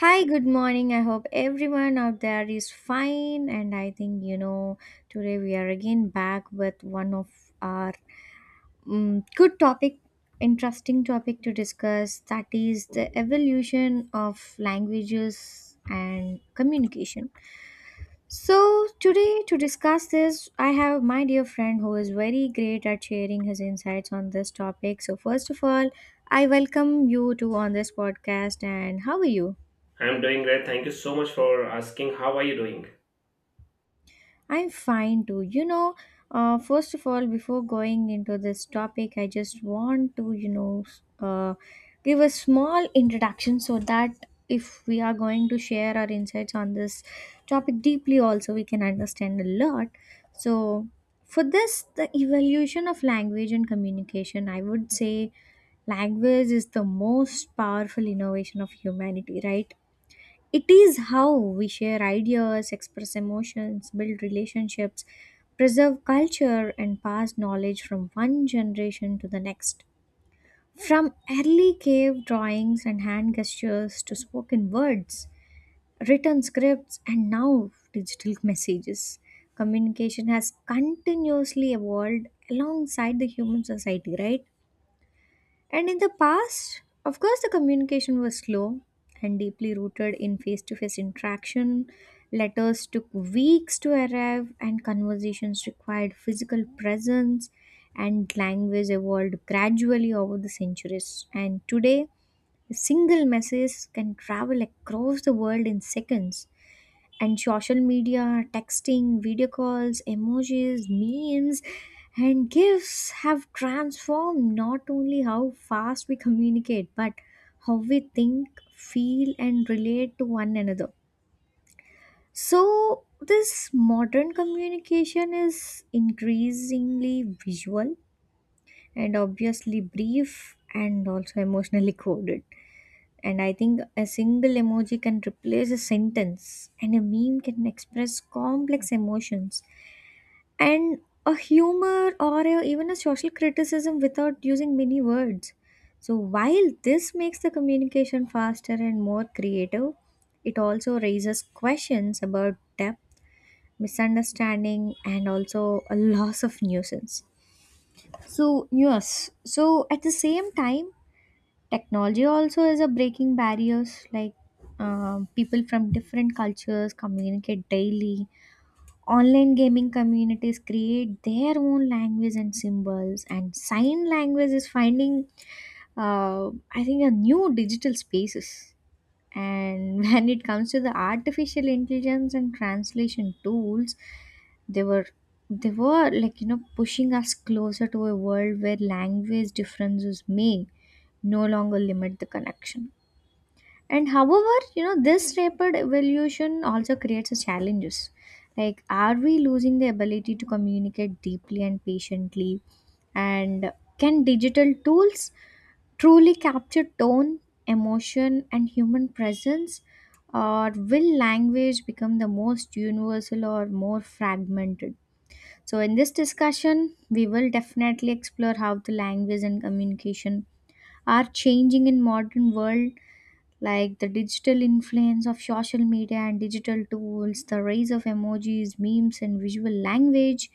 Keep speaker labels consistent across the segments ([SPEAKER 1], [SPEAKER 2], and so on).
[SPEAKER 1] Hi, good morning. I hope everyone out there is fine. And I think, you know, today we are again back with one of our good topic, interesting topic to discuss, that is the evolution of languages and communication. So, today to discuss this, I have my dear friend who is very great at sharing his insights on this topic. So, first of all, I welcome you to on this podcast, and how are you?
[SPEAKER 2] I'm doing great. Thank you so much for asking. How are you doing?
[SPEAKER 1] I'm fine too. You know, first of all, before going into this topic, I just want to, you know, give a small introduction so that if we are going to share our insights on this topic deeply, also we can understand a lot. So, for this, the evolution of language and communication, I would say language is the most powerful innovation of humanity, right? It is how we share ideas, express emotions, build relationships, preserve culture, and pass knowledge from one generation to the next. From early cave drawings and hand gestures to spoken words, written scripts, and now digital messages, communication has continuously evolved alongside the human society, right? And in the past, of course, the communication was slow and deeply rooted in face to face interaction. Letters took weeks to arrive, and conversations required physical presence, and language evolved gradually over the centuries. And today, a single message can travel across the world in seconds, and social media, texting, video calls, emojis, memes, and gifts have transformed not only how fast we communicate, but how we think, feel, and relate to one another. So, this modern communication is increasingly visual and obviously brief and also emotionally coded. And I think a single emoji can replace a sentence, and a meme can express complex emotions and a humor or even a social criticism without using many words. So, while this makes the communication faster and more creative, it also raises questions about depth, misunderstanding, and also a loss of nuisance. So, yes, so at the same time, technology also is a breaking barriers, like people from different cultures communicate daily. Online gaming communities create their own language and symbols, and sign language is finding, uh, I think, a new digital spaces. And when it comes to the artificial intelligence and translation tools, they were they were like, you know, pushing us closer to a world where language differences may no longer limit the connection. And however, you know, this rapid evolution also creates challenges. Like, are we losing the ability to communicate deeply and patiently? And can digital tools truly capture tone, emotion, and human presence? Or will language become the most universal or more fragmented? So, in this discussion, we will definitely explore how the language and communication are changing in modern world, like the digital influence of social media and digital tools, the rise of emojis, memes, and visual language,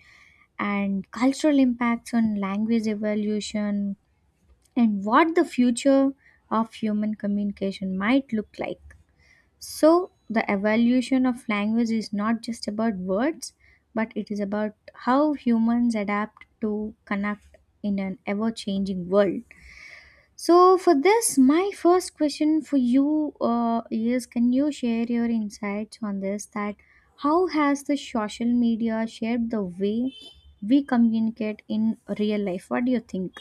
[SPEAKER 1] and cultural impacts on language evolution, and what the future of human communication might look like. So, the evolution of language is not just about words, but it is about how humans adapt to connect in an ever changing world. So, for this, my first question for you is, can you share your insights on this? That how has the social media shaped the way we communicate in real life? What do you think?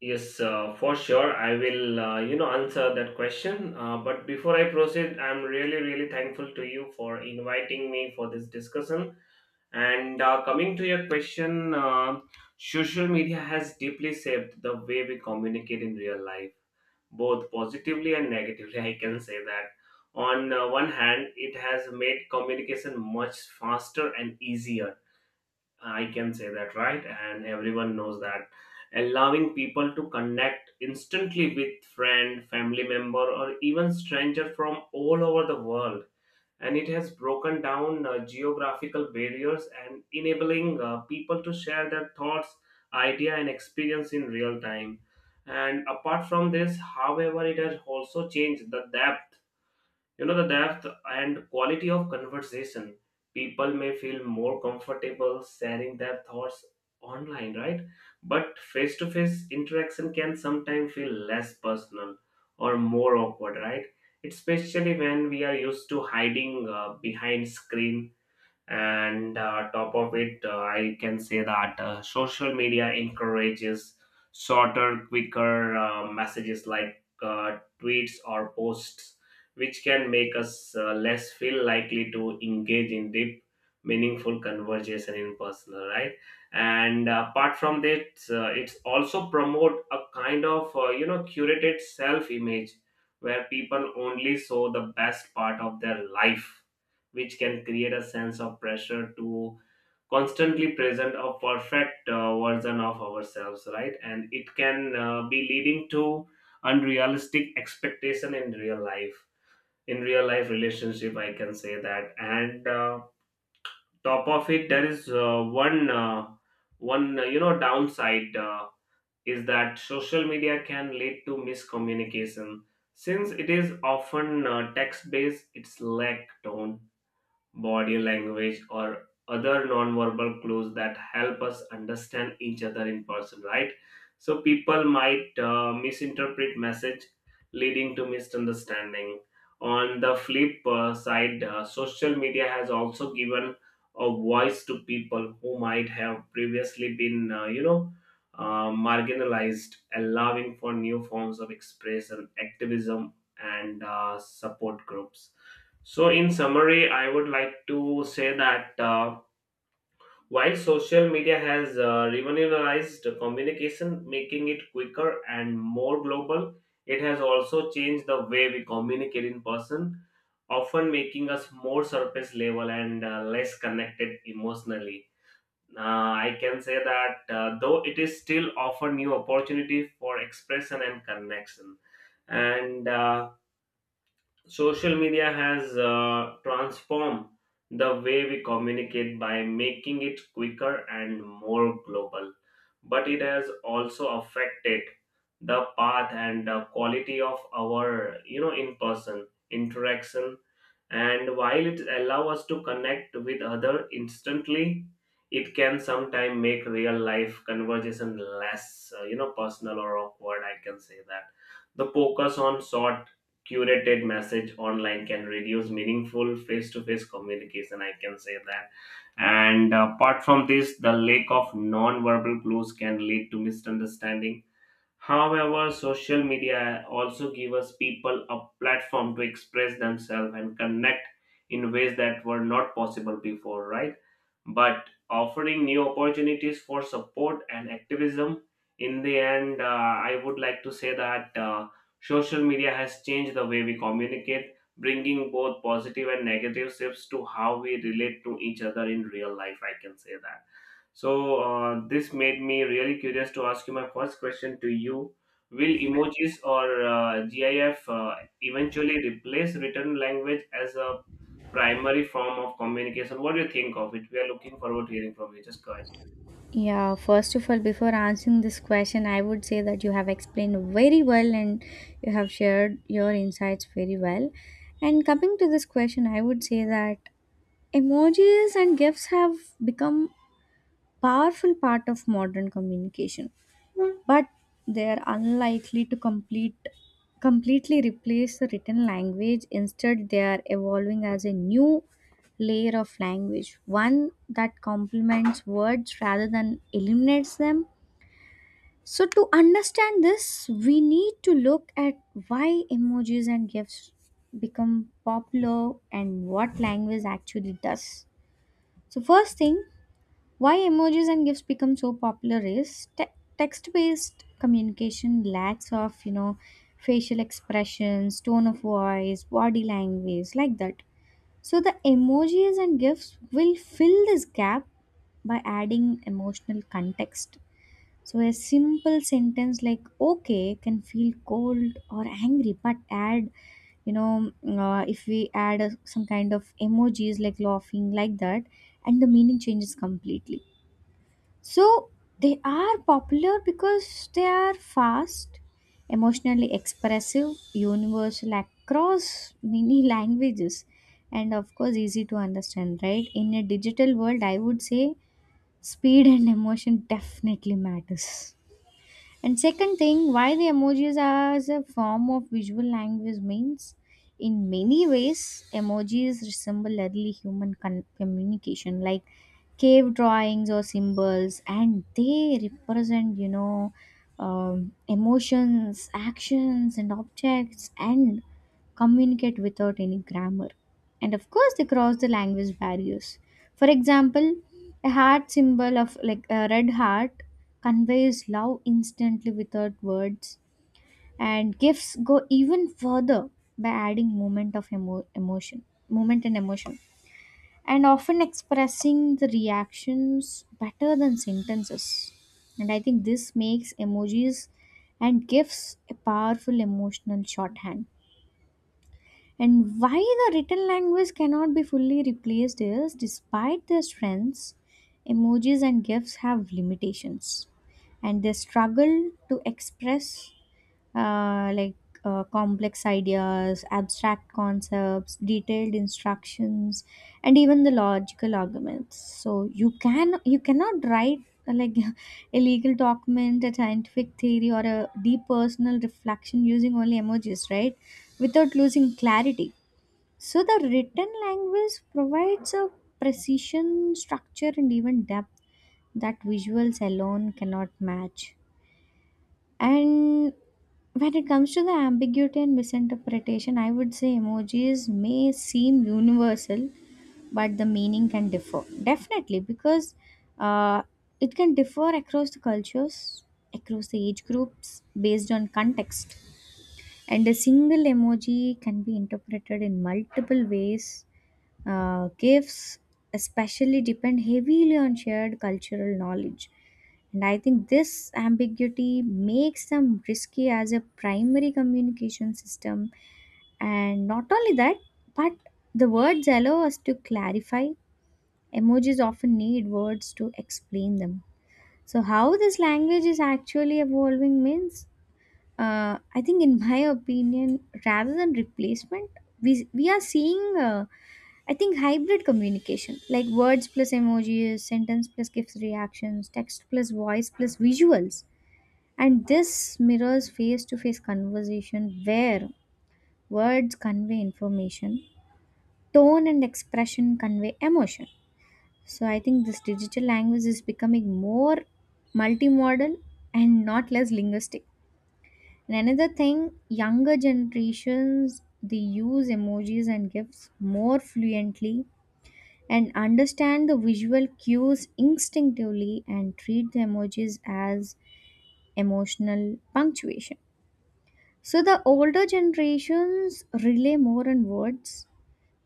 [SPEAKER 2] Yes, for sure. I will, answer that question. But before I proceed, I'm really thankful to you for inviting me for this discussion. And coming to your question, social media has deeply shaped the way we communicate in real life, both positively and negatively. I can say that on one hand it has made communication much faster and easier, I can say that, right? And everyone knows that. Allowing people to connect instantly with friend, family member, or even stranger from all over the world. And it has broken down geographical barriers and enabling people to share their thoughts, idea, and experience in real time. And apart from this, however, it has also changed the depth and quality of conversation. People may feel more comfortable sharing their thoughts online, right? But face to face interaction can sometimes feel less personal or more awkward, right? Especially when we are used to hiding behind screen. And top of it, I can say that social media encourages shorter quicker messages like tweets or posts, which can make us less feel likely to engage in deep meaningful conversation in person, right? And apart from that, it's also promote a kind of curated self image, where people only show the best part of their life, which can create a sense of pressure to constantly present a perfect version of ourselves, right? And it can be leading to unrealistic expectation in real life relationship, I can say that. And top of it there is one downside, is that social media can lead to miscommunication since it is often text based, its lack tone, body language, or other non-verbal clues that help us understand each other in person, right? So people might misinterpret message, leading to misunderstanding. On the flip side, social media has also given a voice to people who might have previously been marginalized, allowing for new forms of expression, activism, and support groups. So, in summary, I would like to say that while social media has revolutionized communication, making it quicker and more global, it has also changed the way we communicate in person, often making us more surface level and less connected emotionally. I can say that though it is still offer new opportunity for expression and connection. And social media has transformed the way we communicate by making it quicker and more global, but it has also affected the path and the quality of our in-person interaction. And while it allows us to connect with other instantly, it can sometimes make real life conversation less personal or awkward. I can say that the focus on short curated message online can reduce meaningful face-to-face communication, I can say that. And apart from this, the lack of non-verbal clues can lead to misunderstanding. However, social media also give us people a platform to express themselves and connect in ways that were not possible before, right? But offering new opportunities for support and activism. In the end, I would like to say that social media has changed the way we communicate, bringing both positive and negative shifts to how we relate to each other in real life. I can say that. So this made me really curious to ask you my first question to you. Will emojis or GIF eventually replace written language as a primary form of communication? What do you think of it? We are looking forward to hearing from you. Just go ahead.
[SPEAKER 1] Yeah, first of all, before answering this question, I would say that you have explained very well and you have shared your insights very well. And coming to this question, I would say that emojis and gifs have become powerful part of modern communication, but they are unlikely to completely replace the written language. Instead, they are evolving as a new layer of language, one that complements words rather than eliminates them. So to understand this, we need to look at why emojis and gifs become popular and what language actually does. So, first thing, why emojis and gifs become so popular is text-based communication lacks of, you know, facial expressions, tone of voice, body language, like that. So the emojis and gifs will fill this gap by adding emotional context. So a simple sentence like "okay" can feel cold or angry, but add, you know, if we add a, some kind of emojis like laughing like that, and the meaning changes completely. So they are popular because they are fast, emotionally expressive, universal across many languages, and of course easy to understand, right? In a digital world, I would say speed and emotion definitely matters. And second thing, why the emojis are as a form of visual language means, in many ways, emojis resemble early human communication, like cave drawings or symbols, and they represent, you know, emotions, actions, and objects, and communicate without any grammar. And of course, they cross the language barriers. For example, a heart symbol of like a red heart conveys love instantly without words, and gifts go even further by adding moment of emotion, moment and emotion, and often expressing the reactions better than sentences. And I think this makes emojis and gifts a powerful emotional shorthand. And why the written language cannot be fully replaced is, despite their strengths, emojis and GIFs have limitations, and they struggle to express, uh, like complex ideas, abstract concepts, detailed instructions, and even the logical arguments. So you cannot write, uh, like a legal document, a scientific theory, or a deep personal reflection using only emojis, right? Without losing clarity. So the written language provides a precision, structure, and even depth that visuals alone cannot match. And when it comes to the ambiguity and misinterpretation, I would say emojis may seem universal, but the meaning can differ. Definitely, because uh, it can differ across the cultures, across the age groups, based on context. And a single emoji can be interpreted in multiple ways. Uh, gifts especially depend heavily on shared cultural knowledge. And I think this ambiguity makes them risky as a primary communication system. And not only that, but the words allow us to clarify. Emojis often need words to explain them. So, how this language is actually evolving means, I think, in my opinion, rather than replacement, we are seeing, I think, hybrid communication, like words plus emojis, sentence plus GIFs reactions, text plus voice plus visuals. And this mirrors face to face conversation where words convey information, tone and expression convey emotion. So I think this digital language is becoming more multimodal and not less linguistic. And another thing, younger generations, they use emojis and GIFs more fluently and understand the visual cues instinctively and treat the emojis as emotional punctuation. So the older generations rely more on words,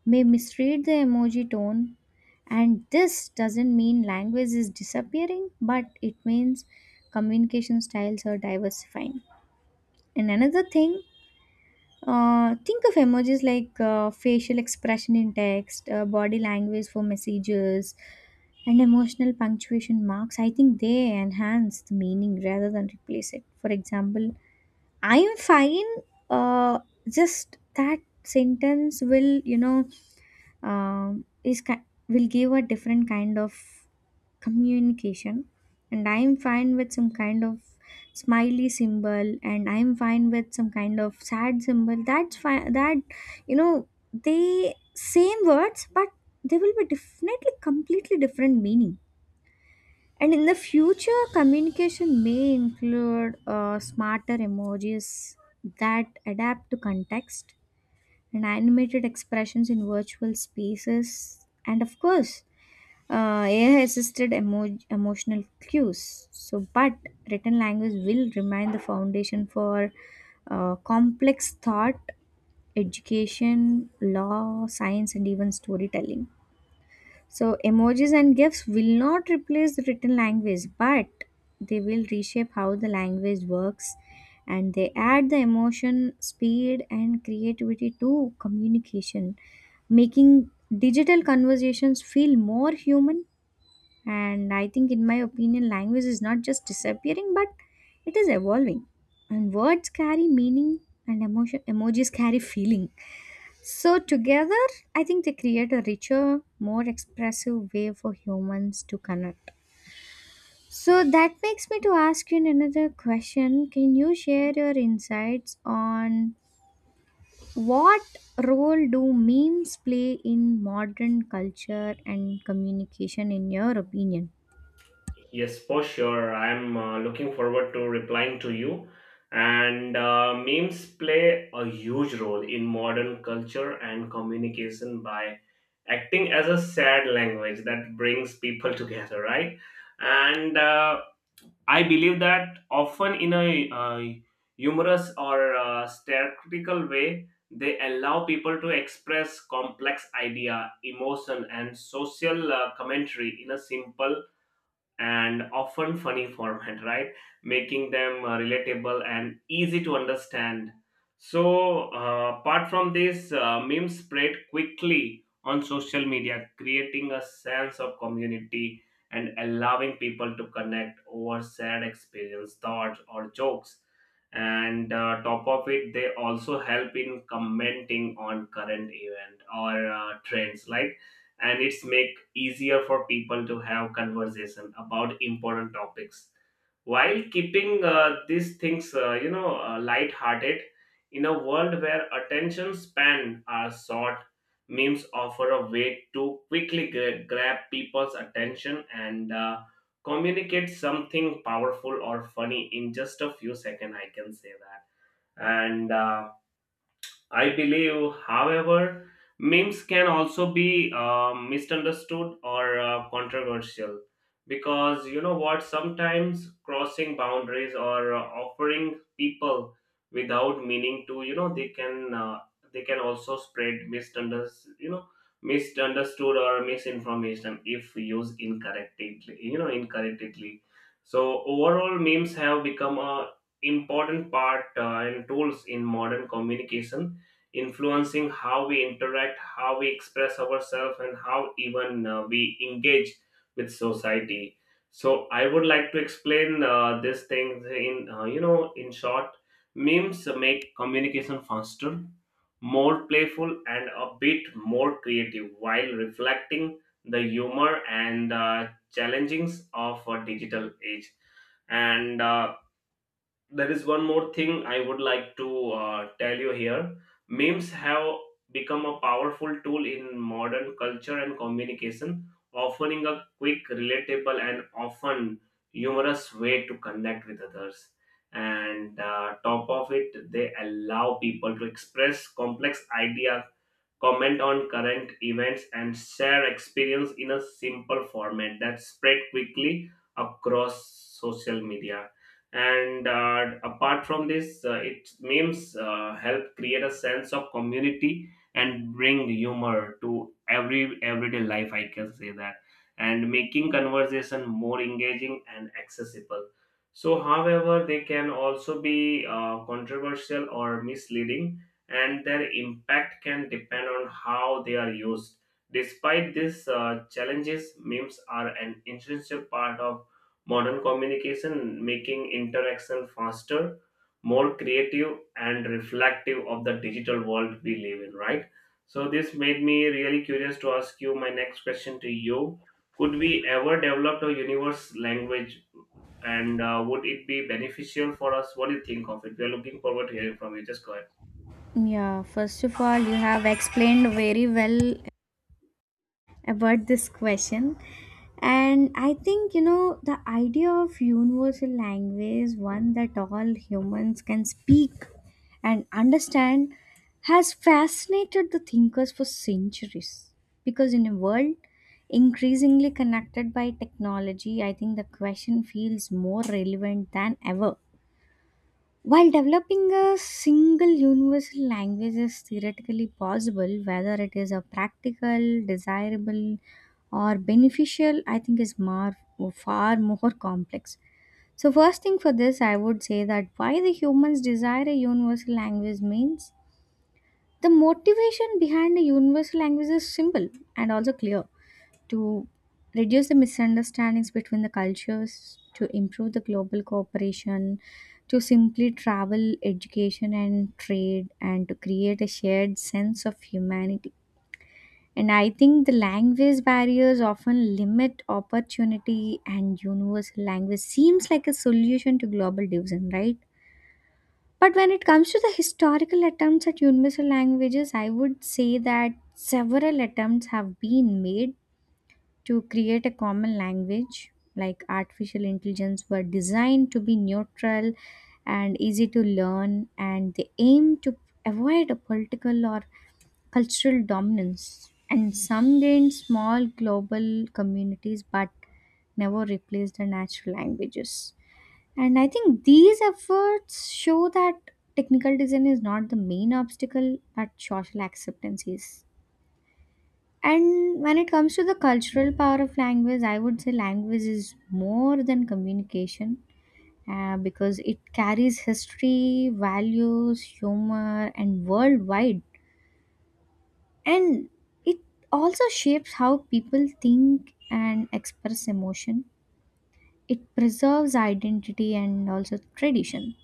[SPEAKER 1] may misread the emoji tone, and this doesn't mean language is disappearing, but it means communication styles are diversifying. And another thing, think of emojis like facial expression in text, body language for messages, and emotional punctuation marks. I think they enhance the meaning rather than replace it. For example, I am fine. Uh, just that sentence will, you know, will give a different kind of communication, and I'm fine with some kind of smiley symbol, and I'm fine with some kind of sad symbol, that's fine. That, you know, they same words, but they will be definitely completely different meaning. And in the future, communication may include smarter emojis that adapt to context, and animated expressions in virtual spaces, and of course AI assisted emotional cues. So, but written language will remain the foundation for complex thought, education, law, science, and even storytelling. So, emojis and GIFs will not replace the written language, but they will reshape how the language works, and they add the emotion, speed, and creativity to communication, making digital conversations feel more human. And I think, in my opinion, language is not just disappearing, but it is evolving. And words carry meaning, and emotion, emojis carry feeling. So, together, I think they create a richer, more expressive way for humans to connect. So, that makes me to ask you another question. Can you share your insights on what role do memes play in modern culture and communication, in your opinion?
[SPEAKER 2] Yes, for sure. I'm looking forward to replying to you. And memes play a huge role in modern culture and communication by acting as a shared language that brings people together, right? And I believe that often in a humorous or satirical way, they allow people to express complex idea, emotion, and social commentary in a simple and often funny format, right? Making them relatable and easy to understand. So, apart from this, memes spread quickly on social media, creating a sense of community and allowing people to connect over sad experience, thoughts, or jokes. And top of it, they also help in commenting on current event or trends, like, and it's make easier for people to have conversation about important topics, while keeping these things light hearted. In a world where attention span are short, memes offer a way to quickly grab people's attention and communicate something powerful or funny in just a few seconds, I can say that. And I believe, however, memes can also be misunderstood or controversial, because you know what, sometimes crossing boundaries or offering people without meaning to, you know, they can also spread misunderstood or misinformation if used incorrectly. So overall, memes have become a important part and tools in modern communication, influencing how we interact, how we express ourselves, and how even we engage with society. So I would like to explain this thing in in short, memes make communication faster, more playful, and a bit more creative while reflecting the humor and challengings of a digital age. And there is one more thing I would like to tell you here. Memes have become a powerful tool in modern culture and communication, offering a quick, relatable, and often humorous way to connect with others. And top of it, they allow people to express complex ideas, comment on current events, and share experience in a simple format that spread quickly across social media. And apart from this, it memes help create a sense of community and bring humor to everyday life. I can say that, and making conversation more engaging and accessible. So, however, they can also be controversial or misleading, and their impact can depend on how they are used. Despite these challenges, memes are an essential part of modern communication, making interaction faster, more creative, and reflective of the digital world we live in, right? So, this made me really curious to ask you my next question to you. Could we ever develop a universe language, and would it be beneficial for us? What do you think of it? We are looking forward to hearing from you. Just go ahead.
[SPEAKER 1] Yeah, first of all, you have explained very well about this question. And I think, you know, the idea of universal language, one that all humans can speak and understand, has fascinated the thinkers for centuries. Because in a world increasingly connected by technology, I think the question feels more relevant than ever. While developing a single universal language is theoretically possible, whether it is a practical, desirable, or beneficial, I think is far more complex. So, first thing for this, I would say that why the humans desire a universal language means the motivation behind a universal language is simple and also clear to reduce the misunderstandings between the cultures, to improve the global cooperation, to simply travel, education, and trade, and to create a shared sense of humanity. And I think the language barriers often limit opportunity, and universal language seems like a solution to global division, right? But when it comes to the historical attempts at universal languages, I would say that several attempts have been made to create a common language like artificial intelligence were designed to be neutral and easy to learn, and they aim to avoid a political or cultural dominance, and some gained small global communities but never replaced the natural languages. And I think these efforts show that technical design is not the main obstacle, but social acceptance is. And when it comes to the cultural power of language, I would say language is more than communication, because it carries history, values, humor, and worldwide. And it also shapes how people think and express emotion. It preserves identity and also tradition.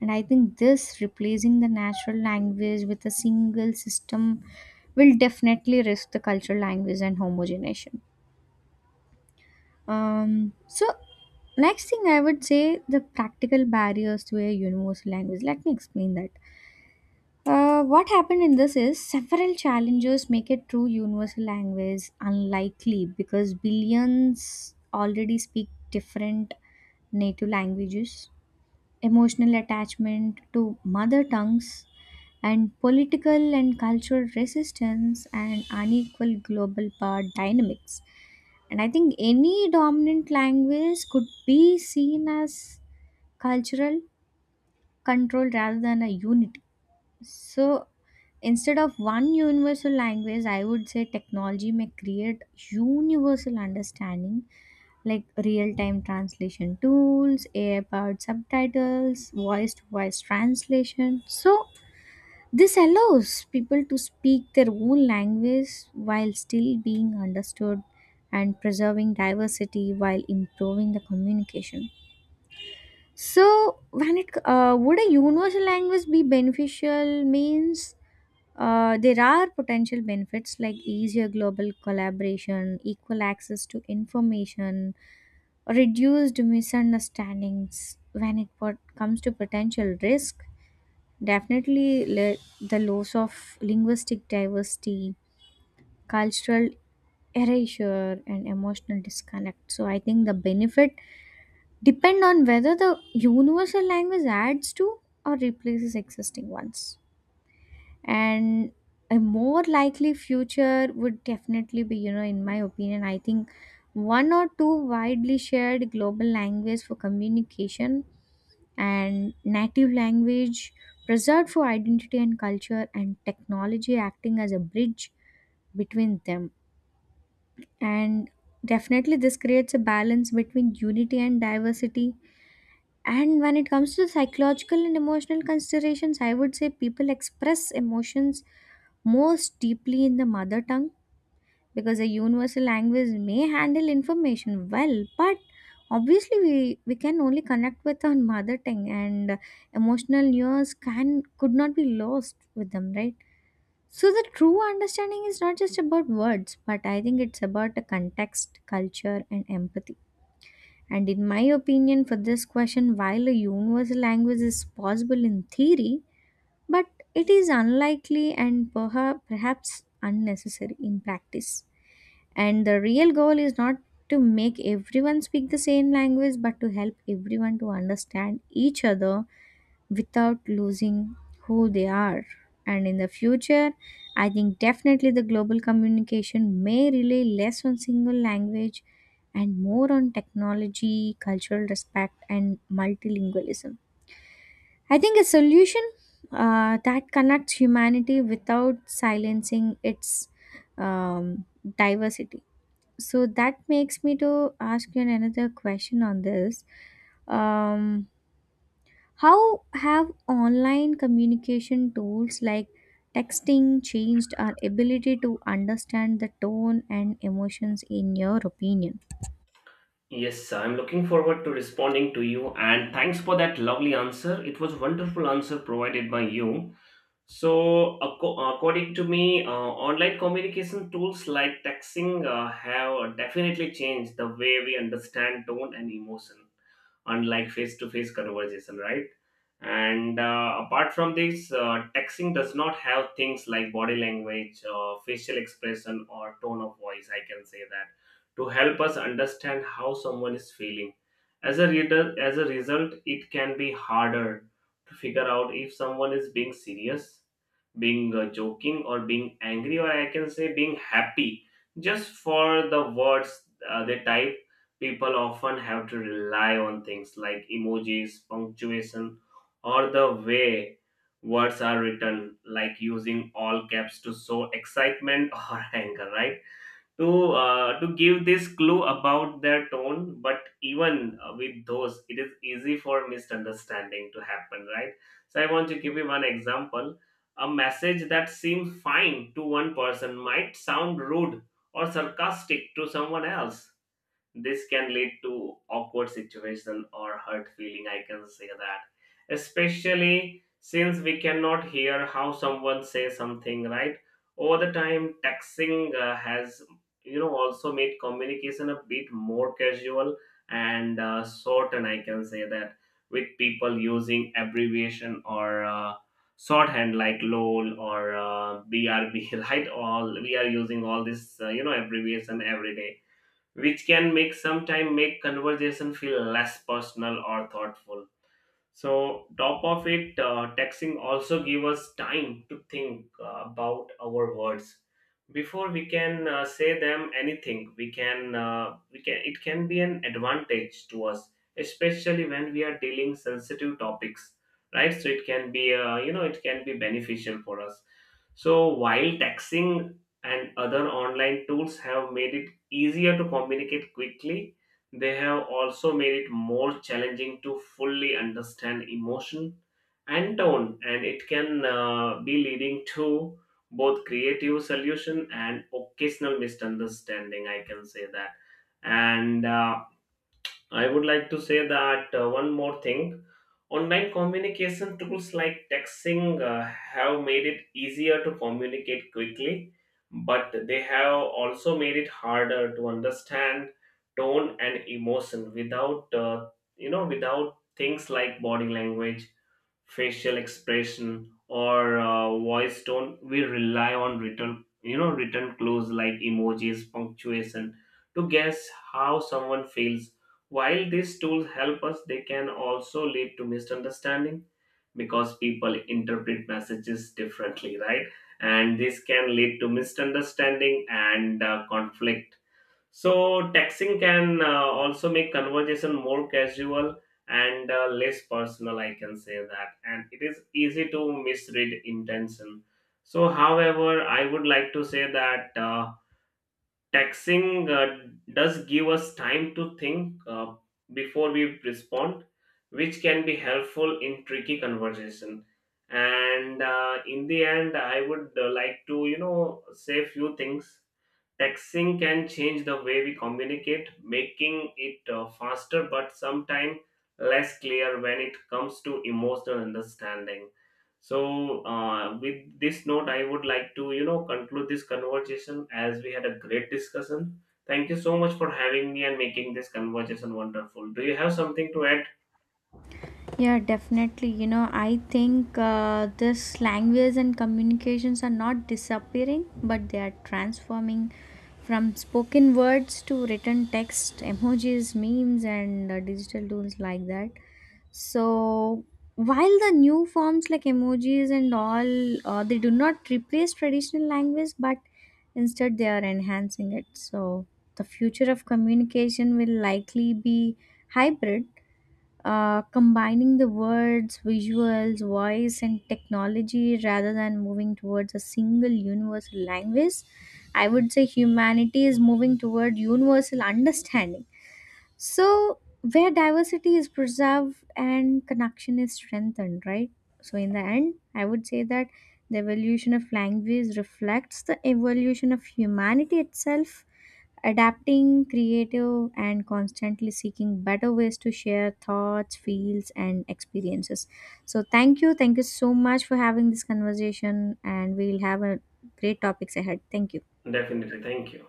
[SPEAKER 1] And I think this replacing the natural language with a single system will definitely risk the cultural language and homogenization. So, next thing I would say the practical barriers to a universal language. Let me explain that. What happened in this is several challenges make a true universal language unlikely because billions already speak different native languages. Emotional attachment to mother tongues and political and cultural resistance and unequal global power dynamics. And I think any dominant language could be seen as cultural control rather than a unity. So instead of one universal language, I would say technology may create universal understanding like real time translation tools, AI powered subtitles, voice to voice translation. So this allows people to speak their own language while still being understood and preserving diversity while improving the communication. So, when it would a universal language be beneficial? Means there are potential benefits like easier global collaboration, equal access to information, reduced misunderstandings. When it comes to potential risk, definitely, the loss of linguistic diversity, cultural erasure, and emotional disconnect. So, I think the benefit depend on whether the universal language adds to or replaces existing ones. And a more likely future would definitely be, you know, in my opinion, I think one or two widely shared global language for communication, and native language preserved for identity and culture, and technology acting as a bridge between them, and definitely this creates a balance between unity and diversity. And when it comes to psychological and emotional considerations, I would say people express emotions most deeply in the mother tongue, because a universal language may handle information well, but obviously we can only connect with our mother tongue, and emotional nuance can could not be lost with them, right? So the true understanding is not just about words, but I think it's about the context, culture, and empathy. And in my opinion for this question, while a universal language is possible in theory, but it is unlikely and perhaps unnecessary in practice. And the real goal is not to make everyone speak the same language, but to help everyone to understand each other without losing who they are. And in the future, I think definitely the global communication may rely less on single language and more on technology, cultural respect, and multilingualism. I think a solution that connects humanity without silencing its um, diversity. So that makes me to ask you another question on this. Um, how have online communication tools like texting changed our ability to understand the tone and emotions, in your opinion?
[SPEAKER 2] Yes, I'm looking forward to responding to you, and thanks for that lovely answer. It was wonderful answer provided by you. So, according to me, online communication tools like texting have definitely changed the way we understand tone and emotion, unlike face-to-face conversation, right? And apart from this, texting does not have things like body language, facial expression, or tone of voice. I can say that, to help us understand how someone is feeling. As a reader, as a result, it can be harder to figure out if someone is being serious, being joking, or being angry, or I can say being happy, just for the words they type. People often have to rely on things like emojis, punctuation, or the way words are written, like using all caps to show excitement or anger, right? To give this clue about their tone, but even with those, it is easy for misunderstanding to happen, right? So I want to give you one example. A message that seems fine to one person might sound rude or sarcastic to someone else. This can lead to awkward situation or hurt feeling, I can say that. Especially since we cannot hear how someone says something, right? Over the time, texting has, you know, also made communication a bit more casual and short, and I can say that with people using abbreviation or shorthand like lol or brb, right, all we are using all this abbreviation every day, which can make sometime make conversation feel less personal or thoughtful. So top of it, texting also give us time to think about our words before we can say them anything. We can, it can be an advantage to us, especially when we are dealing sensitive topics, right? So it can be it can be beneficial for us. So while texting and other online tools have made it easier to communicate quickly, they have also made it more challenging to fully understand emotion and tone, and it can be leading to both creative solution and occasional misunderstanding. I can say that, and. I would like to say that one more thing. Online communication tools like texting have made it easier to communicate quickly, but they have also made it harder to understand tone and emotion without without things like body language, facial expression or voice tone. We rely on written you know written clues like emojis punctuation to guess how someone feels. While these tools help us, they can also lead to misunderstanding, because people interpret messages differently, right? And this can lead to misunderstanding and conflict. So texting can also make conversation more casual and less personal. I can say that, and it is easy to misread intention. So, however, I would like to say that texting does give us time to think before we respond, which can be helpful in tricky conversation. And in the end, I would like to say few things. Texting can change the way we communicate, making it faster but sometimes less clear when it comes to emotional understanding. So, with this note, I would like to, conclude this conversation as we had a great discussion. Thank you so much for having me and making this conversation wonderful. Do you have something to add?
[SPEAKER 1] Yeah, definitely. You know, I think this language and communications are not disappearing, but they are transforming from spoken words to written text, emojis, memes, and digital tools like that. So, while the new forms like emojis and all, they do not replace traditional language, but instead they are enhancing it. So, the future of communication will likely be hybrid, combining the words, visuals, voice, and technology rather than moving towards a single universal language. I would say humanity is moving toward universal understanding. So, where diversity is preserved and connection is strengthened, right? So, in the end, I would say that the evolution of language reflects the evolution of humanity itself, adapting creative and constantly seeking better ways to share thoughts, feels, and experiences. So thank you, thank you so much for having this conversation, and we'll have a great topics ahead. Thank you.
[SPEAKER 2] Definitely. Thank you.